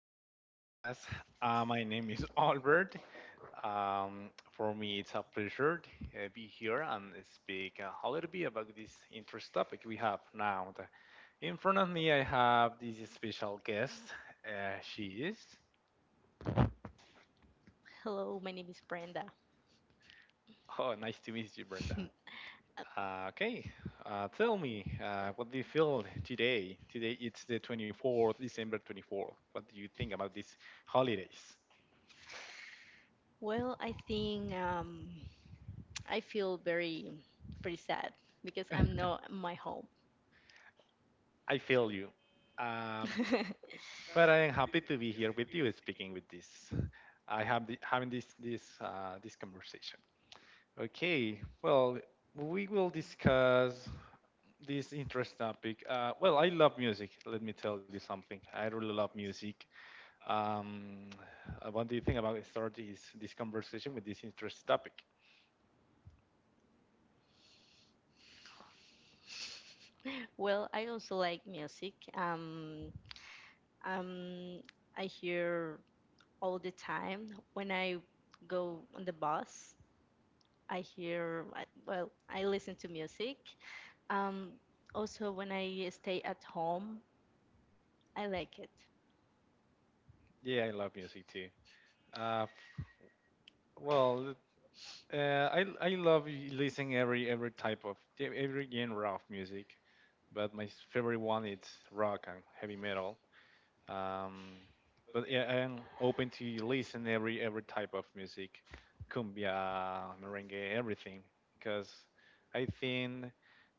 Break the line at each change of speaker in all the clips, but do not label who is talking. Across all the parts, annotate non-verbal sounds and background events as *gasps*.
this podcast. My name is Albert. For me, it's a pleasure to be here and speak a little bit about this interest topic we have now. In front of me, I have this special guest. She is.
Hello, my name is Brenda.
Oh, nice to meet you, Brenda.
*laughs*
Okay, tell me, what do you feel today? Today it's the 24th, December 24th. What do you think about these holidays?
Well, I think I feel very, very sad because I'm not
*laughs*
at my home.
I feel you. Um,
*laughs*
but I am happy to be here with you speaking with this. I have having this this conversation. Okay, well, we will discuss this interest topic. Well, I love music. Let me tell you something. I really love music. Um, what do you think about start this conversation with this interest topic?
Well, I also like music. Um, I hear all the time when I go on the bus. Well, I listen to music. Um, Also, when I stay at home, I like it.
Yeah, I love music too. Uh, well, I love listening every type of every genre of music, but my favorite one is rock and heavy metal. Um, but yeah, I'm open to listen every type of music, cumbia, merengue, everything, because I think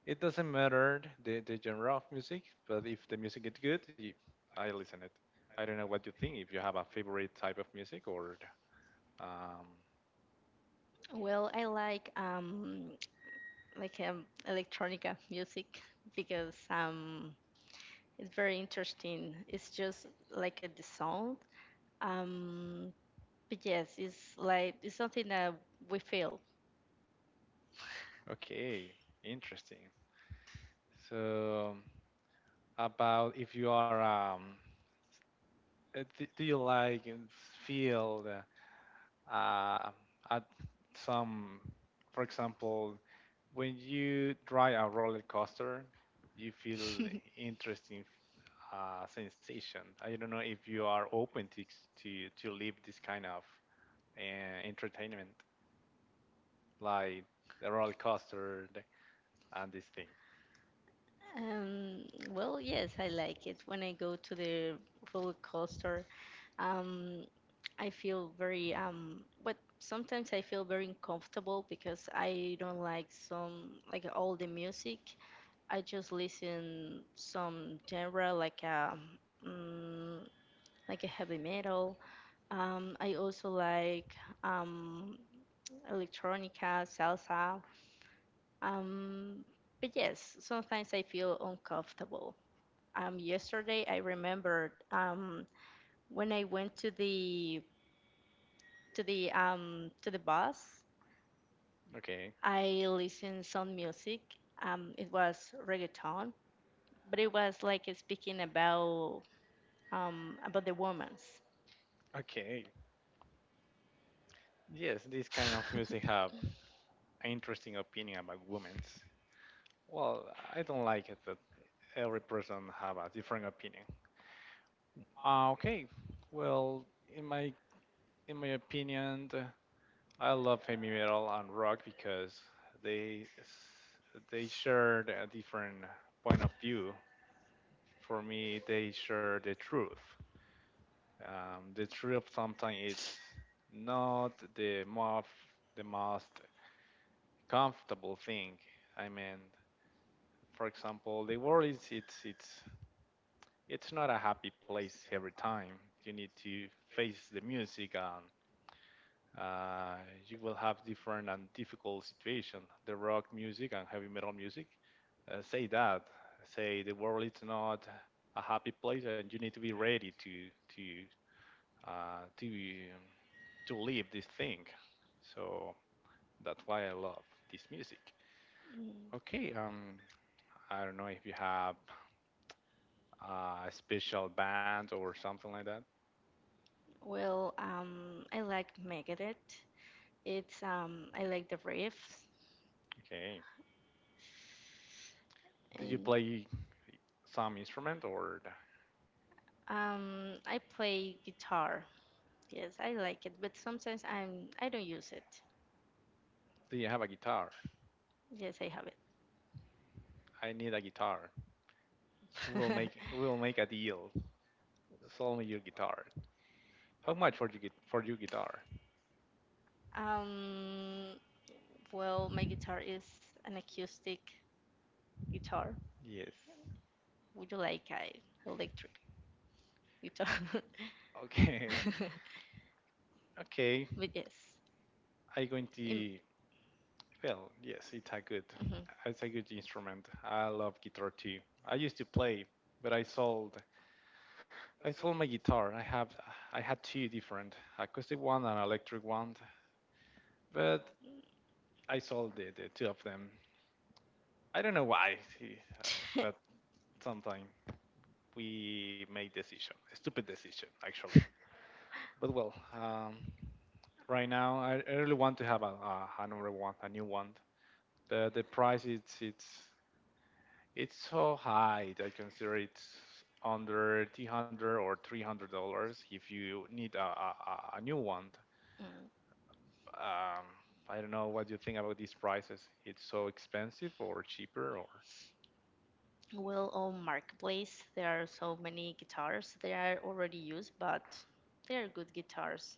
it doesn't matter the genre of music, but if the music is good, I listen it. I don't know what you think. If you have a favorite type of music or um,
Well, I like electronica music because it's very interesting. It's just like a the sound. Um, but yes, it's like it's something that we feel. *laughs*
okay, interesting. So about if you are do you like and feel uh, at some, for example, when you try a roller coaster, you feel interesting sensation. I don't know if you are open to to live this kind of entertainment, like the roller coaster and this thing.
Um, well, yes, I like it. When I go to the roller coaster, um, I feel very, but sometimes I feel very uncomfortable because I don't like some, like, all the music. I just listen some genre mm, like a heavy metal. I also like um, electronica, salsa. Um, but yes, sometimes I feel uncomfortable. Yesterday I remembered when I went to the to the bus,
Okay,
I listened some music. It was reggaeton, but it was like speaking about the women's.
okay. Yes, this kind of music have
*laughs*
an interesting opinion about women's. Well, I don't like it that every person have a different opinion. Okay, well, in my in my opinion, I love heavy metal and rock because they shared a different point of view. For me, they share the truth. The truth sometimes it's not the most comfortable thing. I mean, for example, the world is it's not a happy place every time. You need to face the music and uh, you will have different and difficult situation. The rock music and heavy metal music say that say the world is not a happy place and you need to be ready to uh, to to live this thing. So that's why I love this music.
Mm,
Okay, I don't know if you have special band or something like that?
well, I like Megadeth. It's I like the riffs
Okay. Did you
and
play some instrument or
I play guitar. Yes, I like it, but sometimes I don't use it.
do you have a guitar?
Yes, I have it.
I need a guitar. We will make a deal. Sell me your guitar. How much for you get for your guitar?
*laughs* um, well, my guitar is an acoustic guitar.
Yes.
Would you like a electric guitar?
Okay.
*laughs*
Okay.
But yes.
I going
im-
to Well, yes,
mhm.
it's a good instrument. I love guitar too. I used to play, but I sold my guitar. I had two different acoustic one and electric one. But I saw the two of them. I don't know why, I- but
*laughs*
sometime we make decision, a stupid decision actually. But well, right now I really want to have a another one, a new one. The price it's so high. I consider it's under two hundred or three hundred dollars if you need a new one.
Mm,
Um, I don't know what you think about these prices. It's so expensive or cheaper or
well, on Marketplace, there are so many guitars. They are already used, but they are good guitars.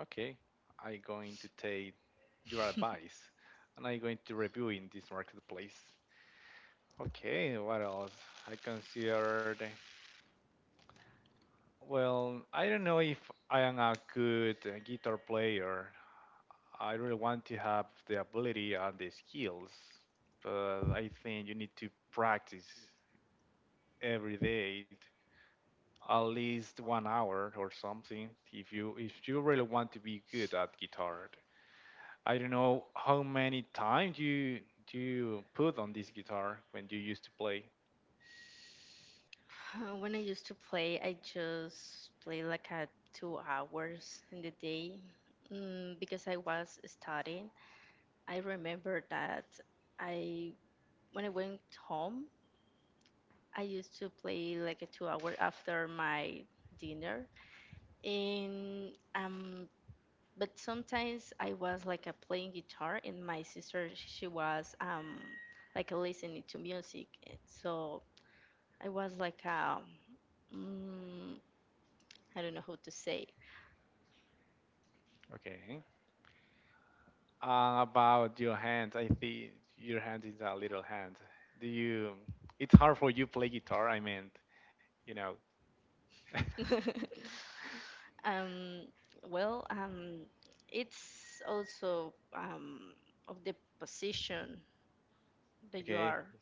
okay, I'm going to take your
*laughs*
advice and I'm going to review in this marketplace. Okay, what else? I considered. Well, I don't know if I am a good guitar player. I really want to have the ability and the skills, but I think you need to practice every day, at least 1 hour or something, if you really want to be good at guitar. I don't know how many time do you put on this guitar when you used to play.
When I used to play, I just play like a 2 hours in the day mm, because I was studying. I remember that I when I went home, I used to play like a 2 hour after my dinner, and but sometimes I was like a playing guitar, and my sister she was like listening to music. So I was like um mm, I don't know how to say.
Okay. About your hand, I think your hand is a little hand. Do you? It's hard for you play guitar. I mean, you know. *laughs*
*laughs* um well it's also of the position that you
Okay.
are.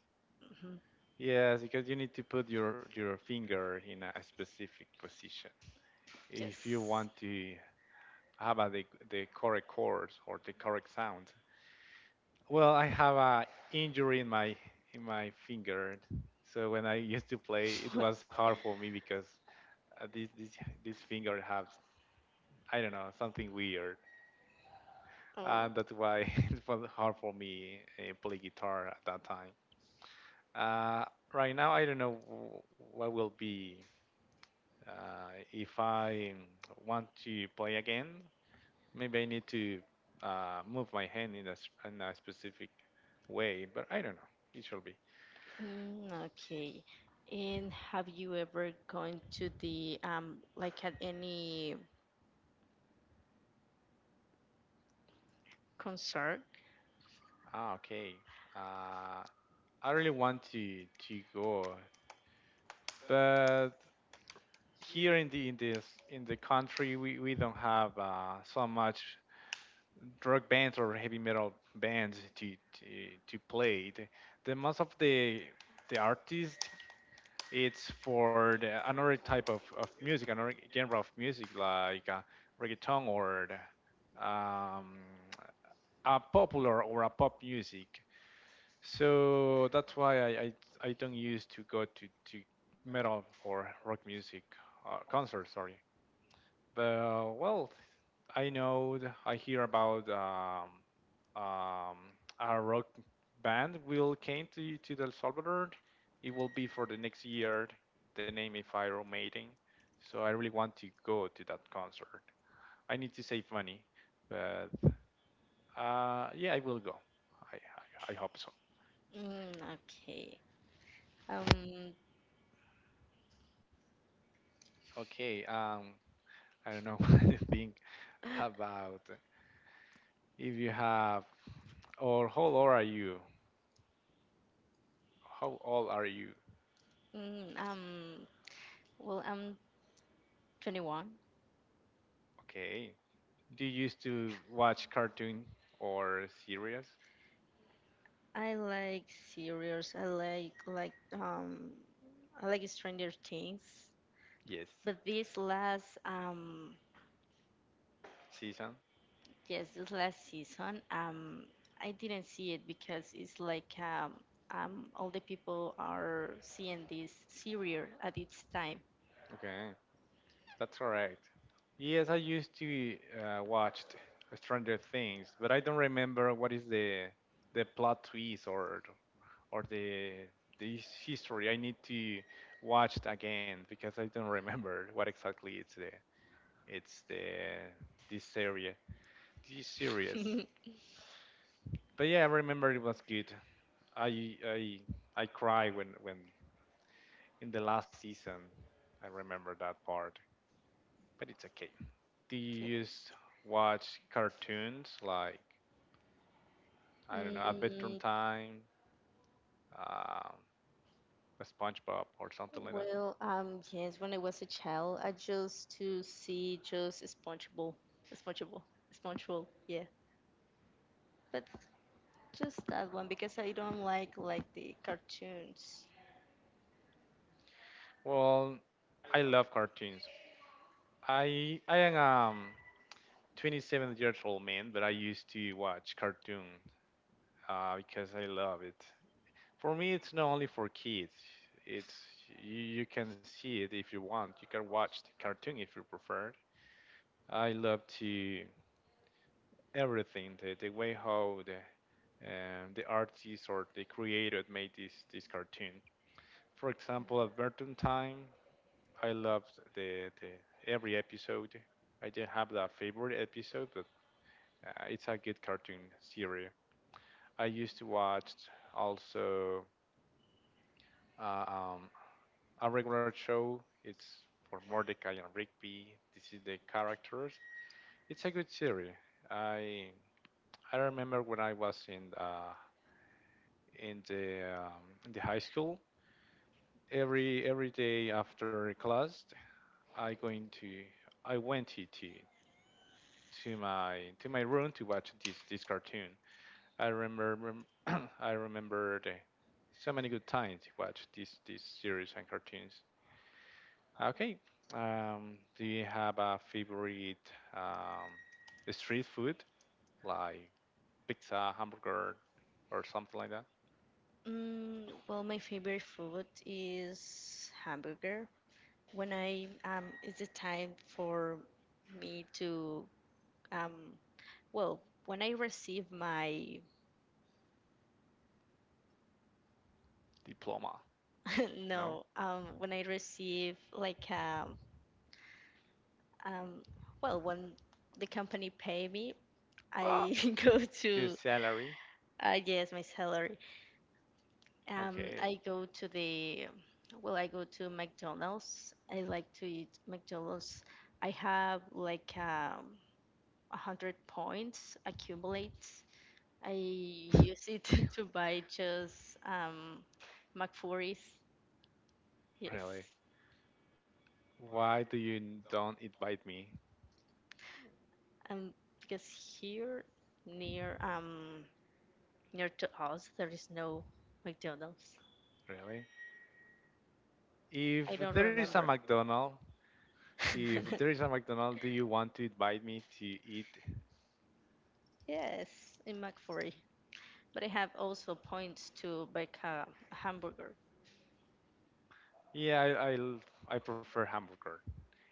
Mhm.
Yes, because you need to put your finger in a specific position if you
Yes. *laughs*
want to have the correct chords or the correct sound. Well, I have a injury in my finger, so when I used to play, it
What?
was hard for me because uh, this this this finger has I don't know something weird,
Oh.
and that's why *laughs* it was hard for me play guitar at that time. Uh, right now, I don't know what will be if I want to play again. Maybe I need to move my hand in in a specific way, but I don't know. It should be.
Mm, okay. And have you ever gone to the like at any concert?
Ah, okay. Uh, I really want to go, but here in this in the country, we don't have so much drug bands or heavy metal bands to, to play. The most of the artist, it's for the another type of music, another genre of music like reggaeton or a popular or a pop music. So that's why I don't used to go to metal or rock music concerts, sorry. But well, I know I hear about um, a rock band will came to El Salvador. It will be for the next year. The name is Iron Maiden. So I really want to go to that concert. I need to save money, but yeah, I will go. I hope so.
Mm, okay. Um,
Okay. I don't know, *laughs* think
*laughs*
about if you have, or how old are you? How old are you?
*gasps* mm, um, well, I'm 21.
Okay. Do you used to watch cartoon or series?
I like series. I like Stranger Things.
Yes.
But this last
Season?
yes, this last season, I didn't see it because it's like all the people are seeing this serial at its time.
Okay. That's correct. Yes, I used to watch Stranger Things, but I don't remember what is the plot twist or or the the history. I need to watch it again because I don't remember what exactly it's the It's the this series, this series.
*laughs*
But yeah, I remember it was good. I I I cry when in the last season. I remember that part, but it's okay. Do you
Yes.
used watch cartoons like I don't know, at bedtime
Mm,
time, um, SpongeBob or something like that?
well, yes, when I was a child, I used to see just SpongeBob, SpongeBob, SpongeBob, yeah. But just that one because I don't like the cartoons.
Well, I love cartoons. I am 27 years old man, but I used to watch cartoon because I love it. For me, it's not only for kids. It's you can see it if you want. You can watch the cartoon if you prefer. I love to everything the way how the artist or the creator made this cartoon. For example, Adventure Time. I loved the every episode. I didn't have that favorite episode, but it's a good cartoon series. I used to watch also uh, um, a regular show. It's for Mordecai and Rigby. This is the characters. It's a good series. I I remember when I was in in the high school. Every day after class, I going to I went to my room to watch this cartoon. I remember *clears throat* I remember so many good times to watch this series and cartoons. Okay. Do you have a favorite um, street food like pizza, hamburger, or something like that?
Well, my favorite food is hamburger. When I it's it time for me to um, well, when I receive my
Diploma?
*laughs*
No.
no, when I receive like um, well, when the company pay me,
Ah,
I *laughs* go
your
to
salary?
yes, my salary.
Okay.
I
*laughs*
go to the Well, I go to McDonald's. I like to eat McDonald's. I have like 100 points accumulate I
Really?
use it *laughs* to buy just McFlurries.
Really?
Yes,
Why do you don't invite me?
um, because here near um near to us there is no McDonald's.
Really?
I don't
If there is a
remember.
McDonald, If there is a
*laughs*
McDonald, do you want to invite me to eat?
Yes, in McFlurry. But I have also points to bake a hamburger.
Yeah, I prefer hamburger.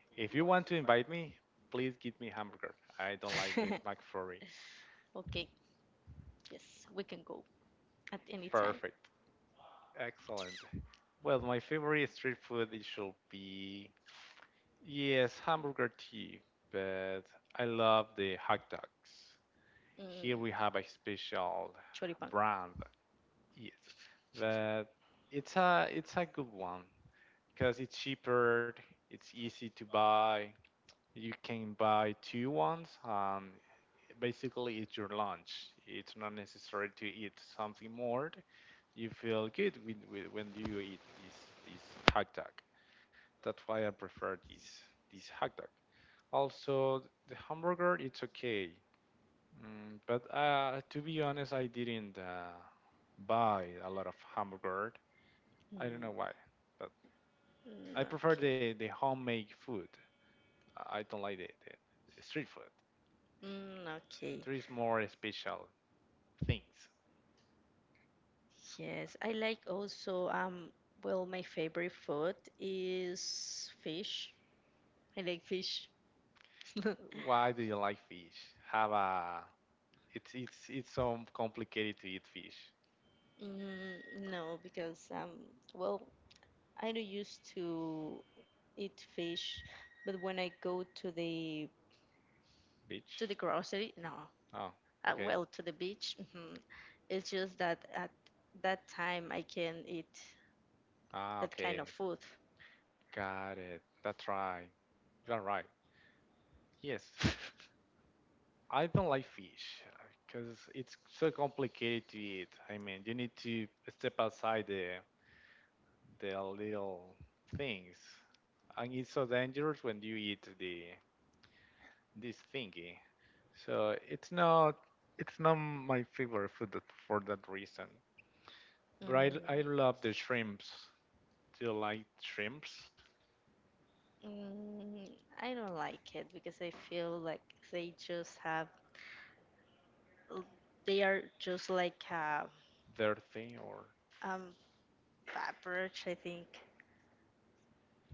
If you want to invite me, please give me hamburger. I don't like the
*laughs*
McFlurry.
Okay, yes, we can go at any time.
Perfect. Excellent. Well, my favorite street food it should be yes, hamburger tea, but I love the hot dogs.
Mm,
Here we have a special
choripán.
brand. Yes. But it's a good one because it's cheaper, it's easy to buy. You can buy two ones and basically it's your lunch. It's not necessary to eat something more. You feel good when you eat this hot dog. That's why I prefer this hot dog. Also, the hamburger it's okay, mm, but to be honest, I didn't buy a lot of hamburger. I don't
Mm,
know why, but
mm,
I prefer
okay.
the homemade food. I don't like the street food.
Mm, okay.
There is more special things.
Yes, I like also, well, my favorite food is fish. I like fish. *laughs*
Why do you like fish? Have a it's it's so complicated to eat fish.
No, because well, I don't used to eat fish, but when I go to the
Bitch.
grocery, no,
Oh, okay.
well, to the beach, it's just that at that time I can eat
Ah,
that kind of
okay.
food.
Got it. That's right. You're right. Yes, I don't like fish because it's so complicated to eat. I mean, you need to step outside the little things, and it's so dangerous when you eat the this thingy. So it's not my favorite food for that reason.
Mm.
But I love the shrimps. Do you like shrimps?
Mm, I don't like it because I feel like they just have, they are just like a
Dirty or
um average, I think.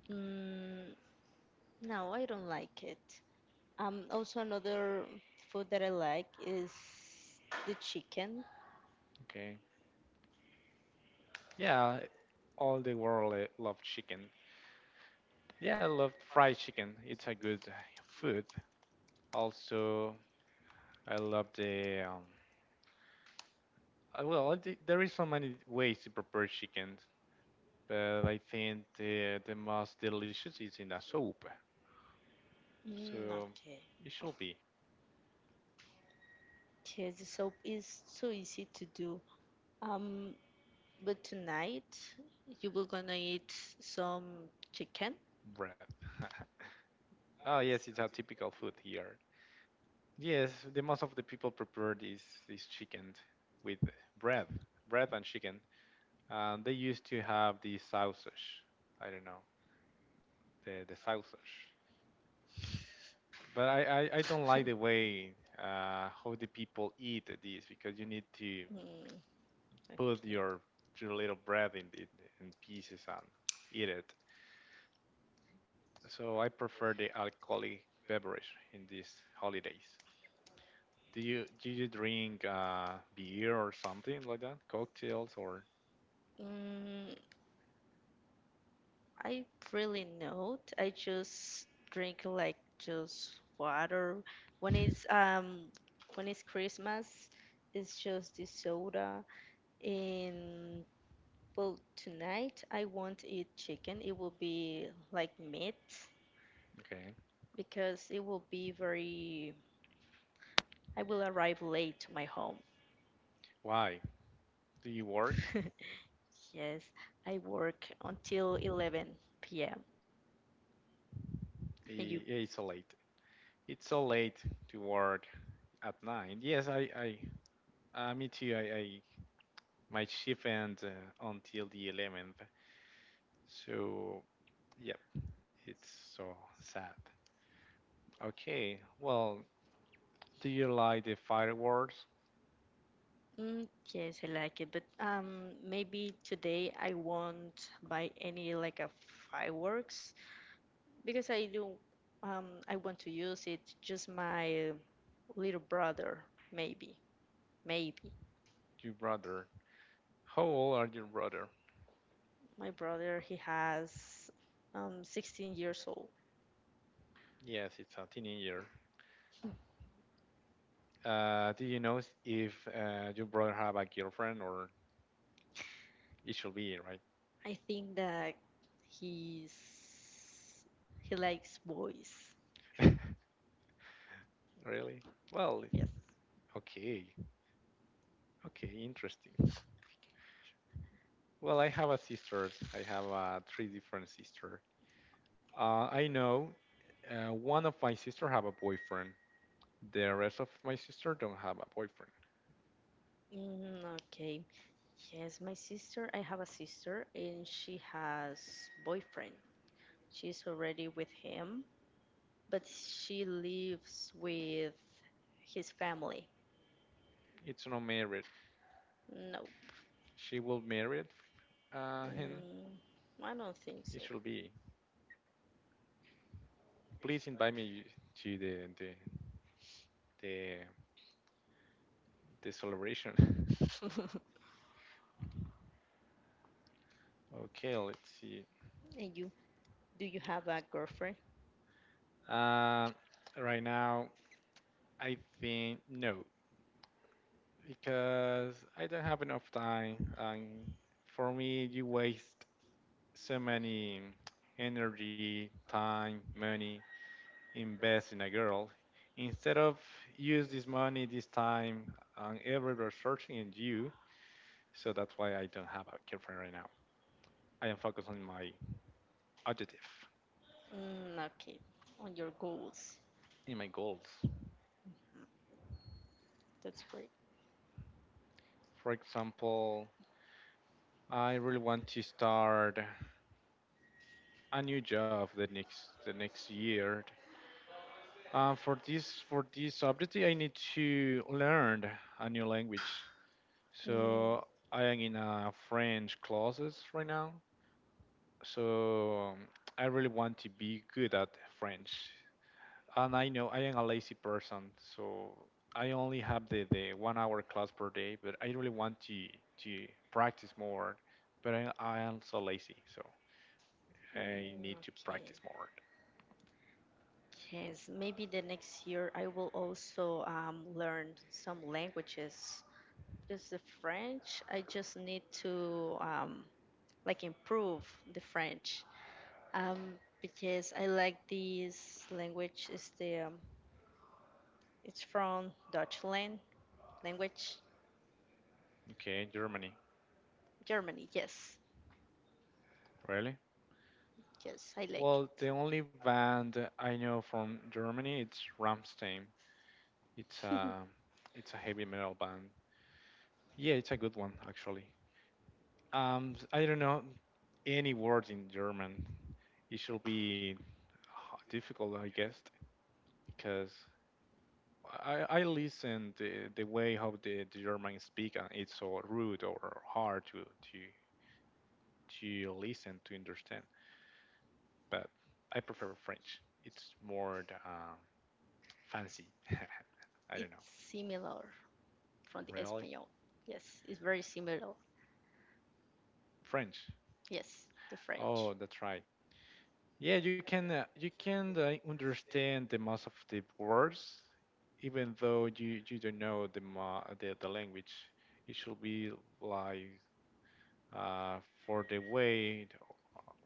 Mm, no, I don't like it. Also, another food that I like is the chicken.
okay? Yeah, all the world love chicken. Yeah, I love fried chicken. It's a good food. Also, I love the there is so many ways to prepare chicken, but I think the most delicious is in a soup.
Mm,
So
okay.
it should be
Yes, the soap is so easy to do. Um, but tonight you were gonna eat some chicken.
bread. *laughs* Oh yes, it's a typical food here. Yes, the most of the people prepared is chicken with bread, bread and chicken. And they used to have the sausage. I don't know the sausage, but I don't like the way how the people eat this because you need to
Mm,
put
okay.
your little bread in in pieces and eat it. So I prefer the alcoholic beverage in these holidays. Do you drink beer or something like that? Cocktails or
Mm, I really not. I just drink like just water. When it's um when it's Christmas, it's just the soda. And well, tonight I won't eat chicken. It will be like meat
okay.
because it will be very. I will arrive late to my home.
Why do you work?
*laughs* Yes, I work until 11 p.m. And you?
Yeah, it's so late. It's so late to work at nine. Yes, I, me too. I My shift ends until the 11th. So, yep, it's so sad. Okay, well, do you like the fireworks?
Mm, yes, I like it, but maybe today I won't buy any like a fireworks because I want to use it just my little brother, maybe maybe
Your brother. How old are your brother?
my brother, he has 16 years old.
Yes, it's a teenager. Do you know if your brother have a girlfriend or it should be right?
I think that he's he likes boys.
*laughs* Really? Well,
Yes.
okay. Okay, interesting. Well, I have a sisters. I have three different sisters. I know one of my sister have a boyfriend. The rest of my sister don't have a boyfriend.
Mm, okay. Yes, my sister, I have a sister and she has boyfriend. She's already with him, but she lives with his family.
It's not married.
No,
She will marry him.
mm, I don't think
It
so.
should be. Please invite me to the, the celebration. *laughs*
*laughs*
Okay, let's see.
And you, do you have a girlfriend?
Uh, right now, I think no, because I don't have enough time, and for me, you waste so many energy, time, money invest in a girl. Instead of use this money, this time, and every researching in you, so that's why I don't have a girlfriend right now. I am focused on my objective,
Mm, okay, on your goals.
in my goals.
That's great.
For example, I really want to start a new job the next year. For this subject, I need to learn a new language.
Mm,
So I am in a French classes right now. So I really want to be good at French. And I know I am a lazy person, so I only have the 1 hour class per day. But I really want to practice more. But I am so lazy, so I
mm,
need to practice
okay.
more.
Yes, maybe the next year I will also learn some languages. Just the French, I just need to like improve the French. Um, because I like this language. Is the It's from Deutschland language,
Okay, Germany,
Germany. Yes,
really?
yes, I like it.
Well, the only band I know from Germany it's Rammstein. It's a it's a heavy metal band. Yeah, it's a good one actually. I don't know any words in German. It should be difficult, I guess, because I listen the way how the German speak and it's so rude or hard to to listen to understand. But I prefer French. It's more um, fancy. *laughs*
*laughs*
I don't
It's
know.
similar from the
Really?
Espanol. Yes, it's very similar.
French.
Yes, the French.
Oh, that's right. Yeah, you can understand the most of the words, even though you don't know the language. It should be like uh, for the way,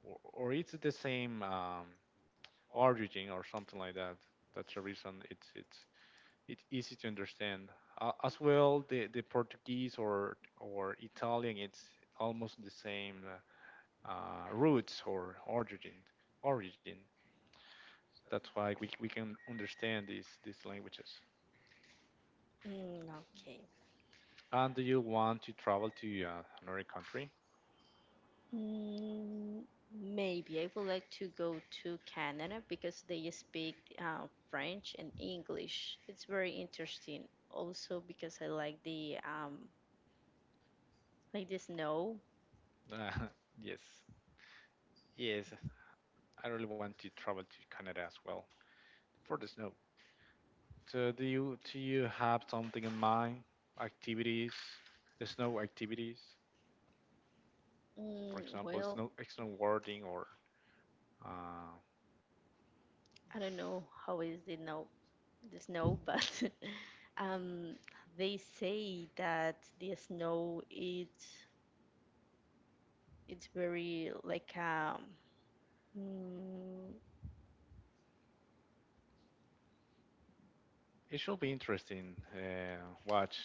or it's the same origin or something like that. That's the reason it's it's easy to understand. As well, the Portuguese or Italian, it's almost the same roots or origin. Origin. That's why we can understand these languages.
Mm, okay.
And do you want to travel to another country? *laughs*
Mm, Maybe I would like to go to Canada because they speak French and English. It's very interesting. Also because I like the Like the snow?
Uh, yes, yes. I really want to travel to Canada as well for the snow. So do you have something in mind? Activities, snow activities, for example,
Well,
snow snowboarding or uh,
I don't know how is the snow, but *laughs* um, they say that the snow it's very like mm,
it should be interesting watch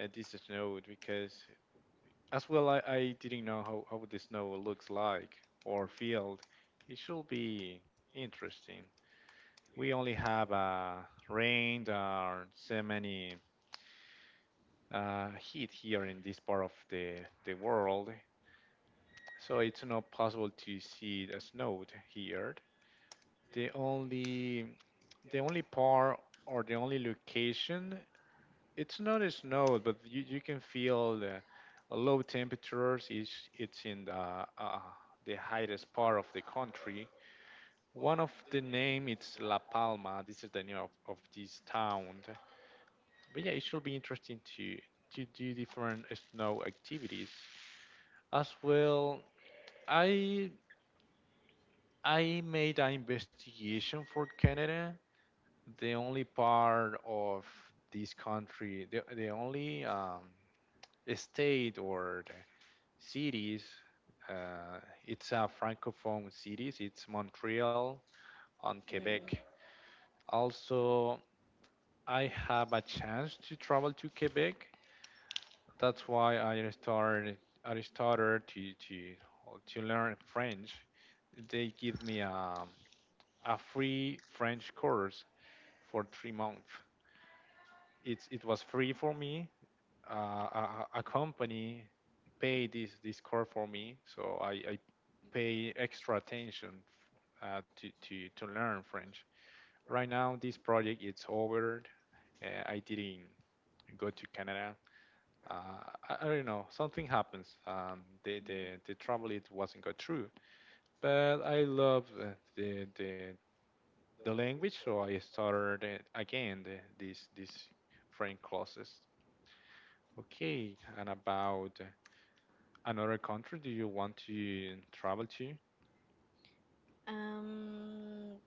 this snow because as well, I didn't know how the snow looks like or feel. It should be interesting. We only have rain or so many heat here in this part of the world, so it's not possible to see the snow here. The only the only part or the only location it's not a snow, but you can feel the low temperatures. It's in the highest part of the country. One of the name it's La Palma. This is the name of this town. But yeah, it should be interesting to do different snow activities. As well, I I made an investigation for Canada. The only part of this country, the only state or the cities. Uh, it's a francophone cities. It's Montreal and
mm,
Quebec. Also, I have a chance to travel to Quebec. That's why I started. I started to to learn French. They give me a free French course for 3 months. It was free for me, a company pay this core for me, so I pay extra attention to learn French. Right now, this project it's over. I didn't go to Canada. Uh, I don't know. Something happens. The travel it wasn't go through. But I love the the the language, so I started again the, this French classes. Okay, and about another country do you want to travel to?
um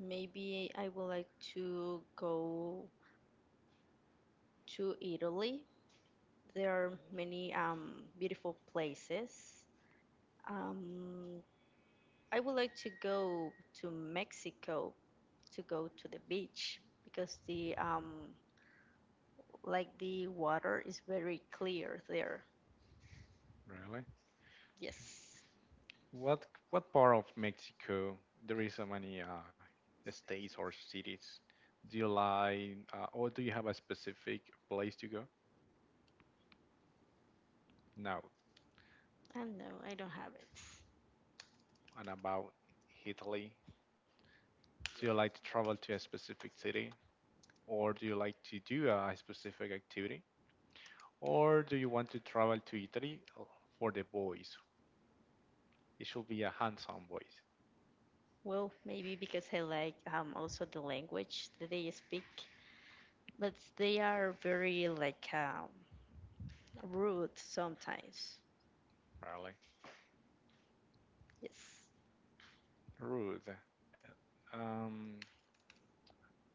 maybe I would like to go to Italy. There are many beautiful places. Um, I would like to go to Mexico to go to the beach because the like the water is very clear there.
Really?
Yes.
What what part of Mexico there is so many states or cities? Do you like or do you have a specific place to go? No.
No, I don't have it.
And about Italy, do you like to travel to a specific city or do you like to do a specific activity or do you want to travel to Italy for the boys? It should be a handsome boys,
Well, maybe because I like also the language that they speak, but they are very, like, rude sometimes.
really.
Yes.
Rude. Um,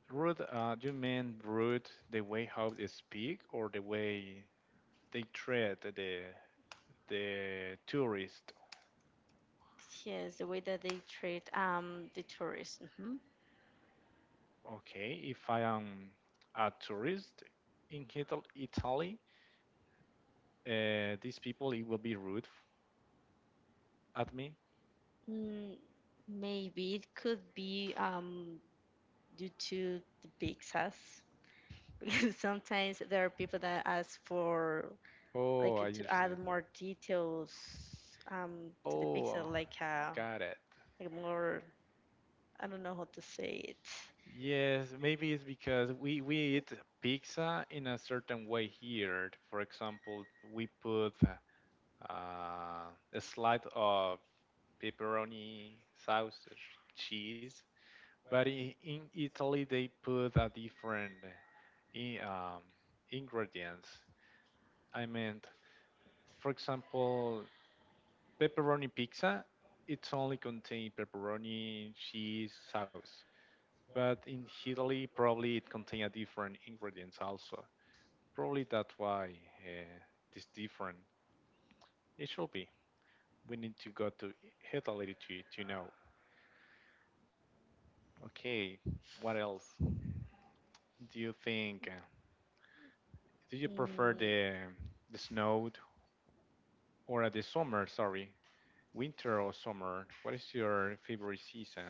Rude, do you mean rude the way how they speak or the way they treat the tourist?
Yes, the way that they treat the tourists.
Okay, if I am a tourist in Italy, these people it will be rude at me.
Mm, Maybe it could be due to the pizzas. *laughs* Because sometimes there are people that ask for,
Oh,
like,
I
to add
understand.
more details to the pizza,
Oh,
like uh,
got it.
like more. I don't know how to say it.
Yes, maybe it's because we eat pizza in a certain way here. For example, we put uh, a slice of pepperoni, sausage, cheese. But in Italy, they put a different in, um, ingredients. I meant, for example, pepperoni pizza. It's only contain pepperoni, cheese, sauce. But in Italy, probably it contain a different ingredients also. Probably that's why uh, this different. It should be. We need to go to Italy to know. Okay, what else do you think? Uh, do you prefer
Mm,
the snow or the summer? Sorry, winter or summer? What is your favorite season?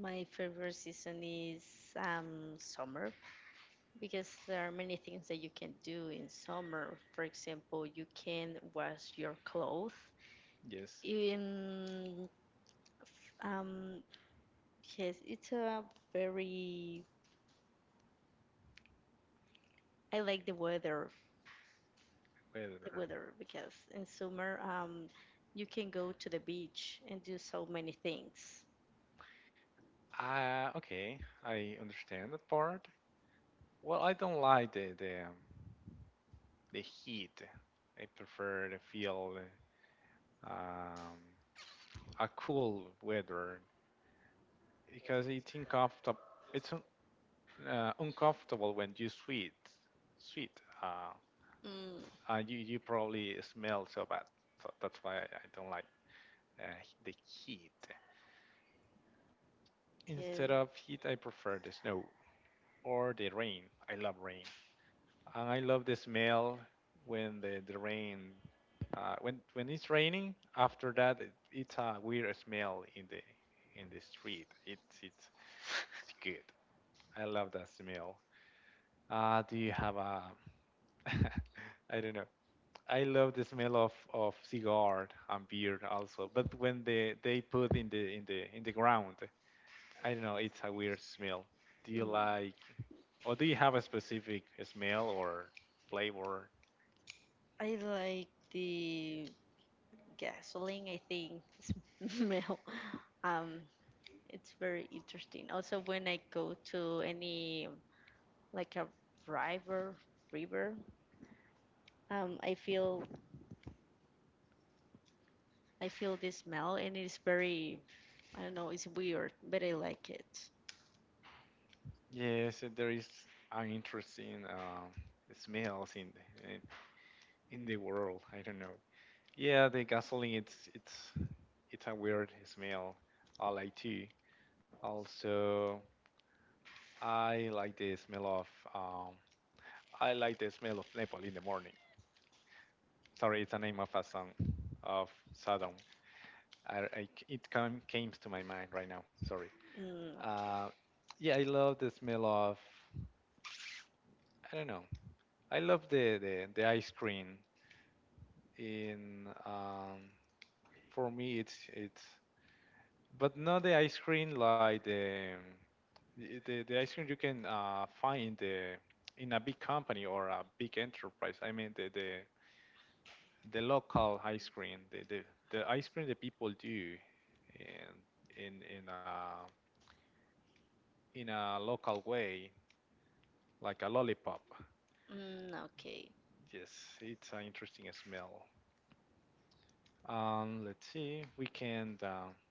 my favorite season is summer because there are many things that you can do in summer. For example, you can wash your clothes
Yes,
in um, yes, it's a very. I like the weather, the
weather.
weather because in summer, you can go to the beach and do so many things.
Okay, I understand that part. Well, I don't like the heat. I prefer to feel um, a cool weather because it's uncomfortable. It's uncomfortable when you sweat. Sweat. Uh,
Mm,
you probably smell so bad. So that's why I don't like uh, the heat. Instead
yeah.
of heat, I prefer the snow or the rain. I love rain. I love the smell when the rain when it's raining. After that, it's a weird smell in the street. It's good. I love that smell. Do you have a *laughs* I don't know I love the smell of cigar and beer also, but when they put in the in the in the ground, I don't know, it's a weird smell. Do you
Mm.
like or do you have a specific smell or flavor?
I like the gasoline. I think the smell. *laughs* Um, it's very interesting. Also, when I go to any like a river river um i feel I feel this smell and it's very, I don't know, it's weird, but I like it.
Yes, there is an interesting smells in in the world. I don't know. Yeah, the gasoline it's it's a weird smell. I like too. Also, I like the smell of um, I like the smell of Nepal in the morning. Sorry, it's the name of a song of Saddam. It come, came to my mind right now. Sorry.
Mm, okay.
Uh, yeah, I love the smell of. I don't know. I love the ice cream. In for me, it's but not the ice cream like the ice cream you can find the in a big company or a big enterprise. I mean the local ice cream, the ice cream that people do in in in a in a local way, like a lollipop.
Mm, okay.
Yes, it's an interesting smell. Let's see, we can.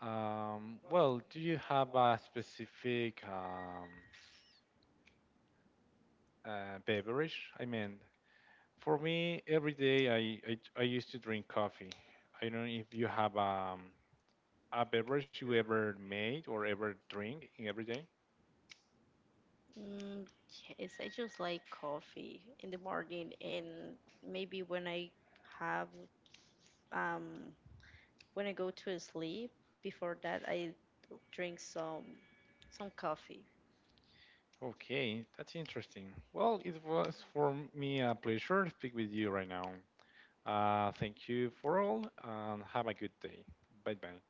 Well, do you have a specific beverage? I mean, for me, every day I used to drink coffee. I don't know if you have a beverage you ever made or ever drink in every day.
mm, yes, I just like coffee in the morning and maybe have um when I go to sleep, before that I drink some coffee
Okay, that's interesting. Well, it was for me a pleasure to speak with you right now. Thank you for all and have a good day. Bye bye.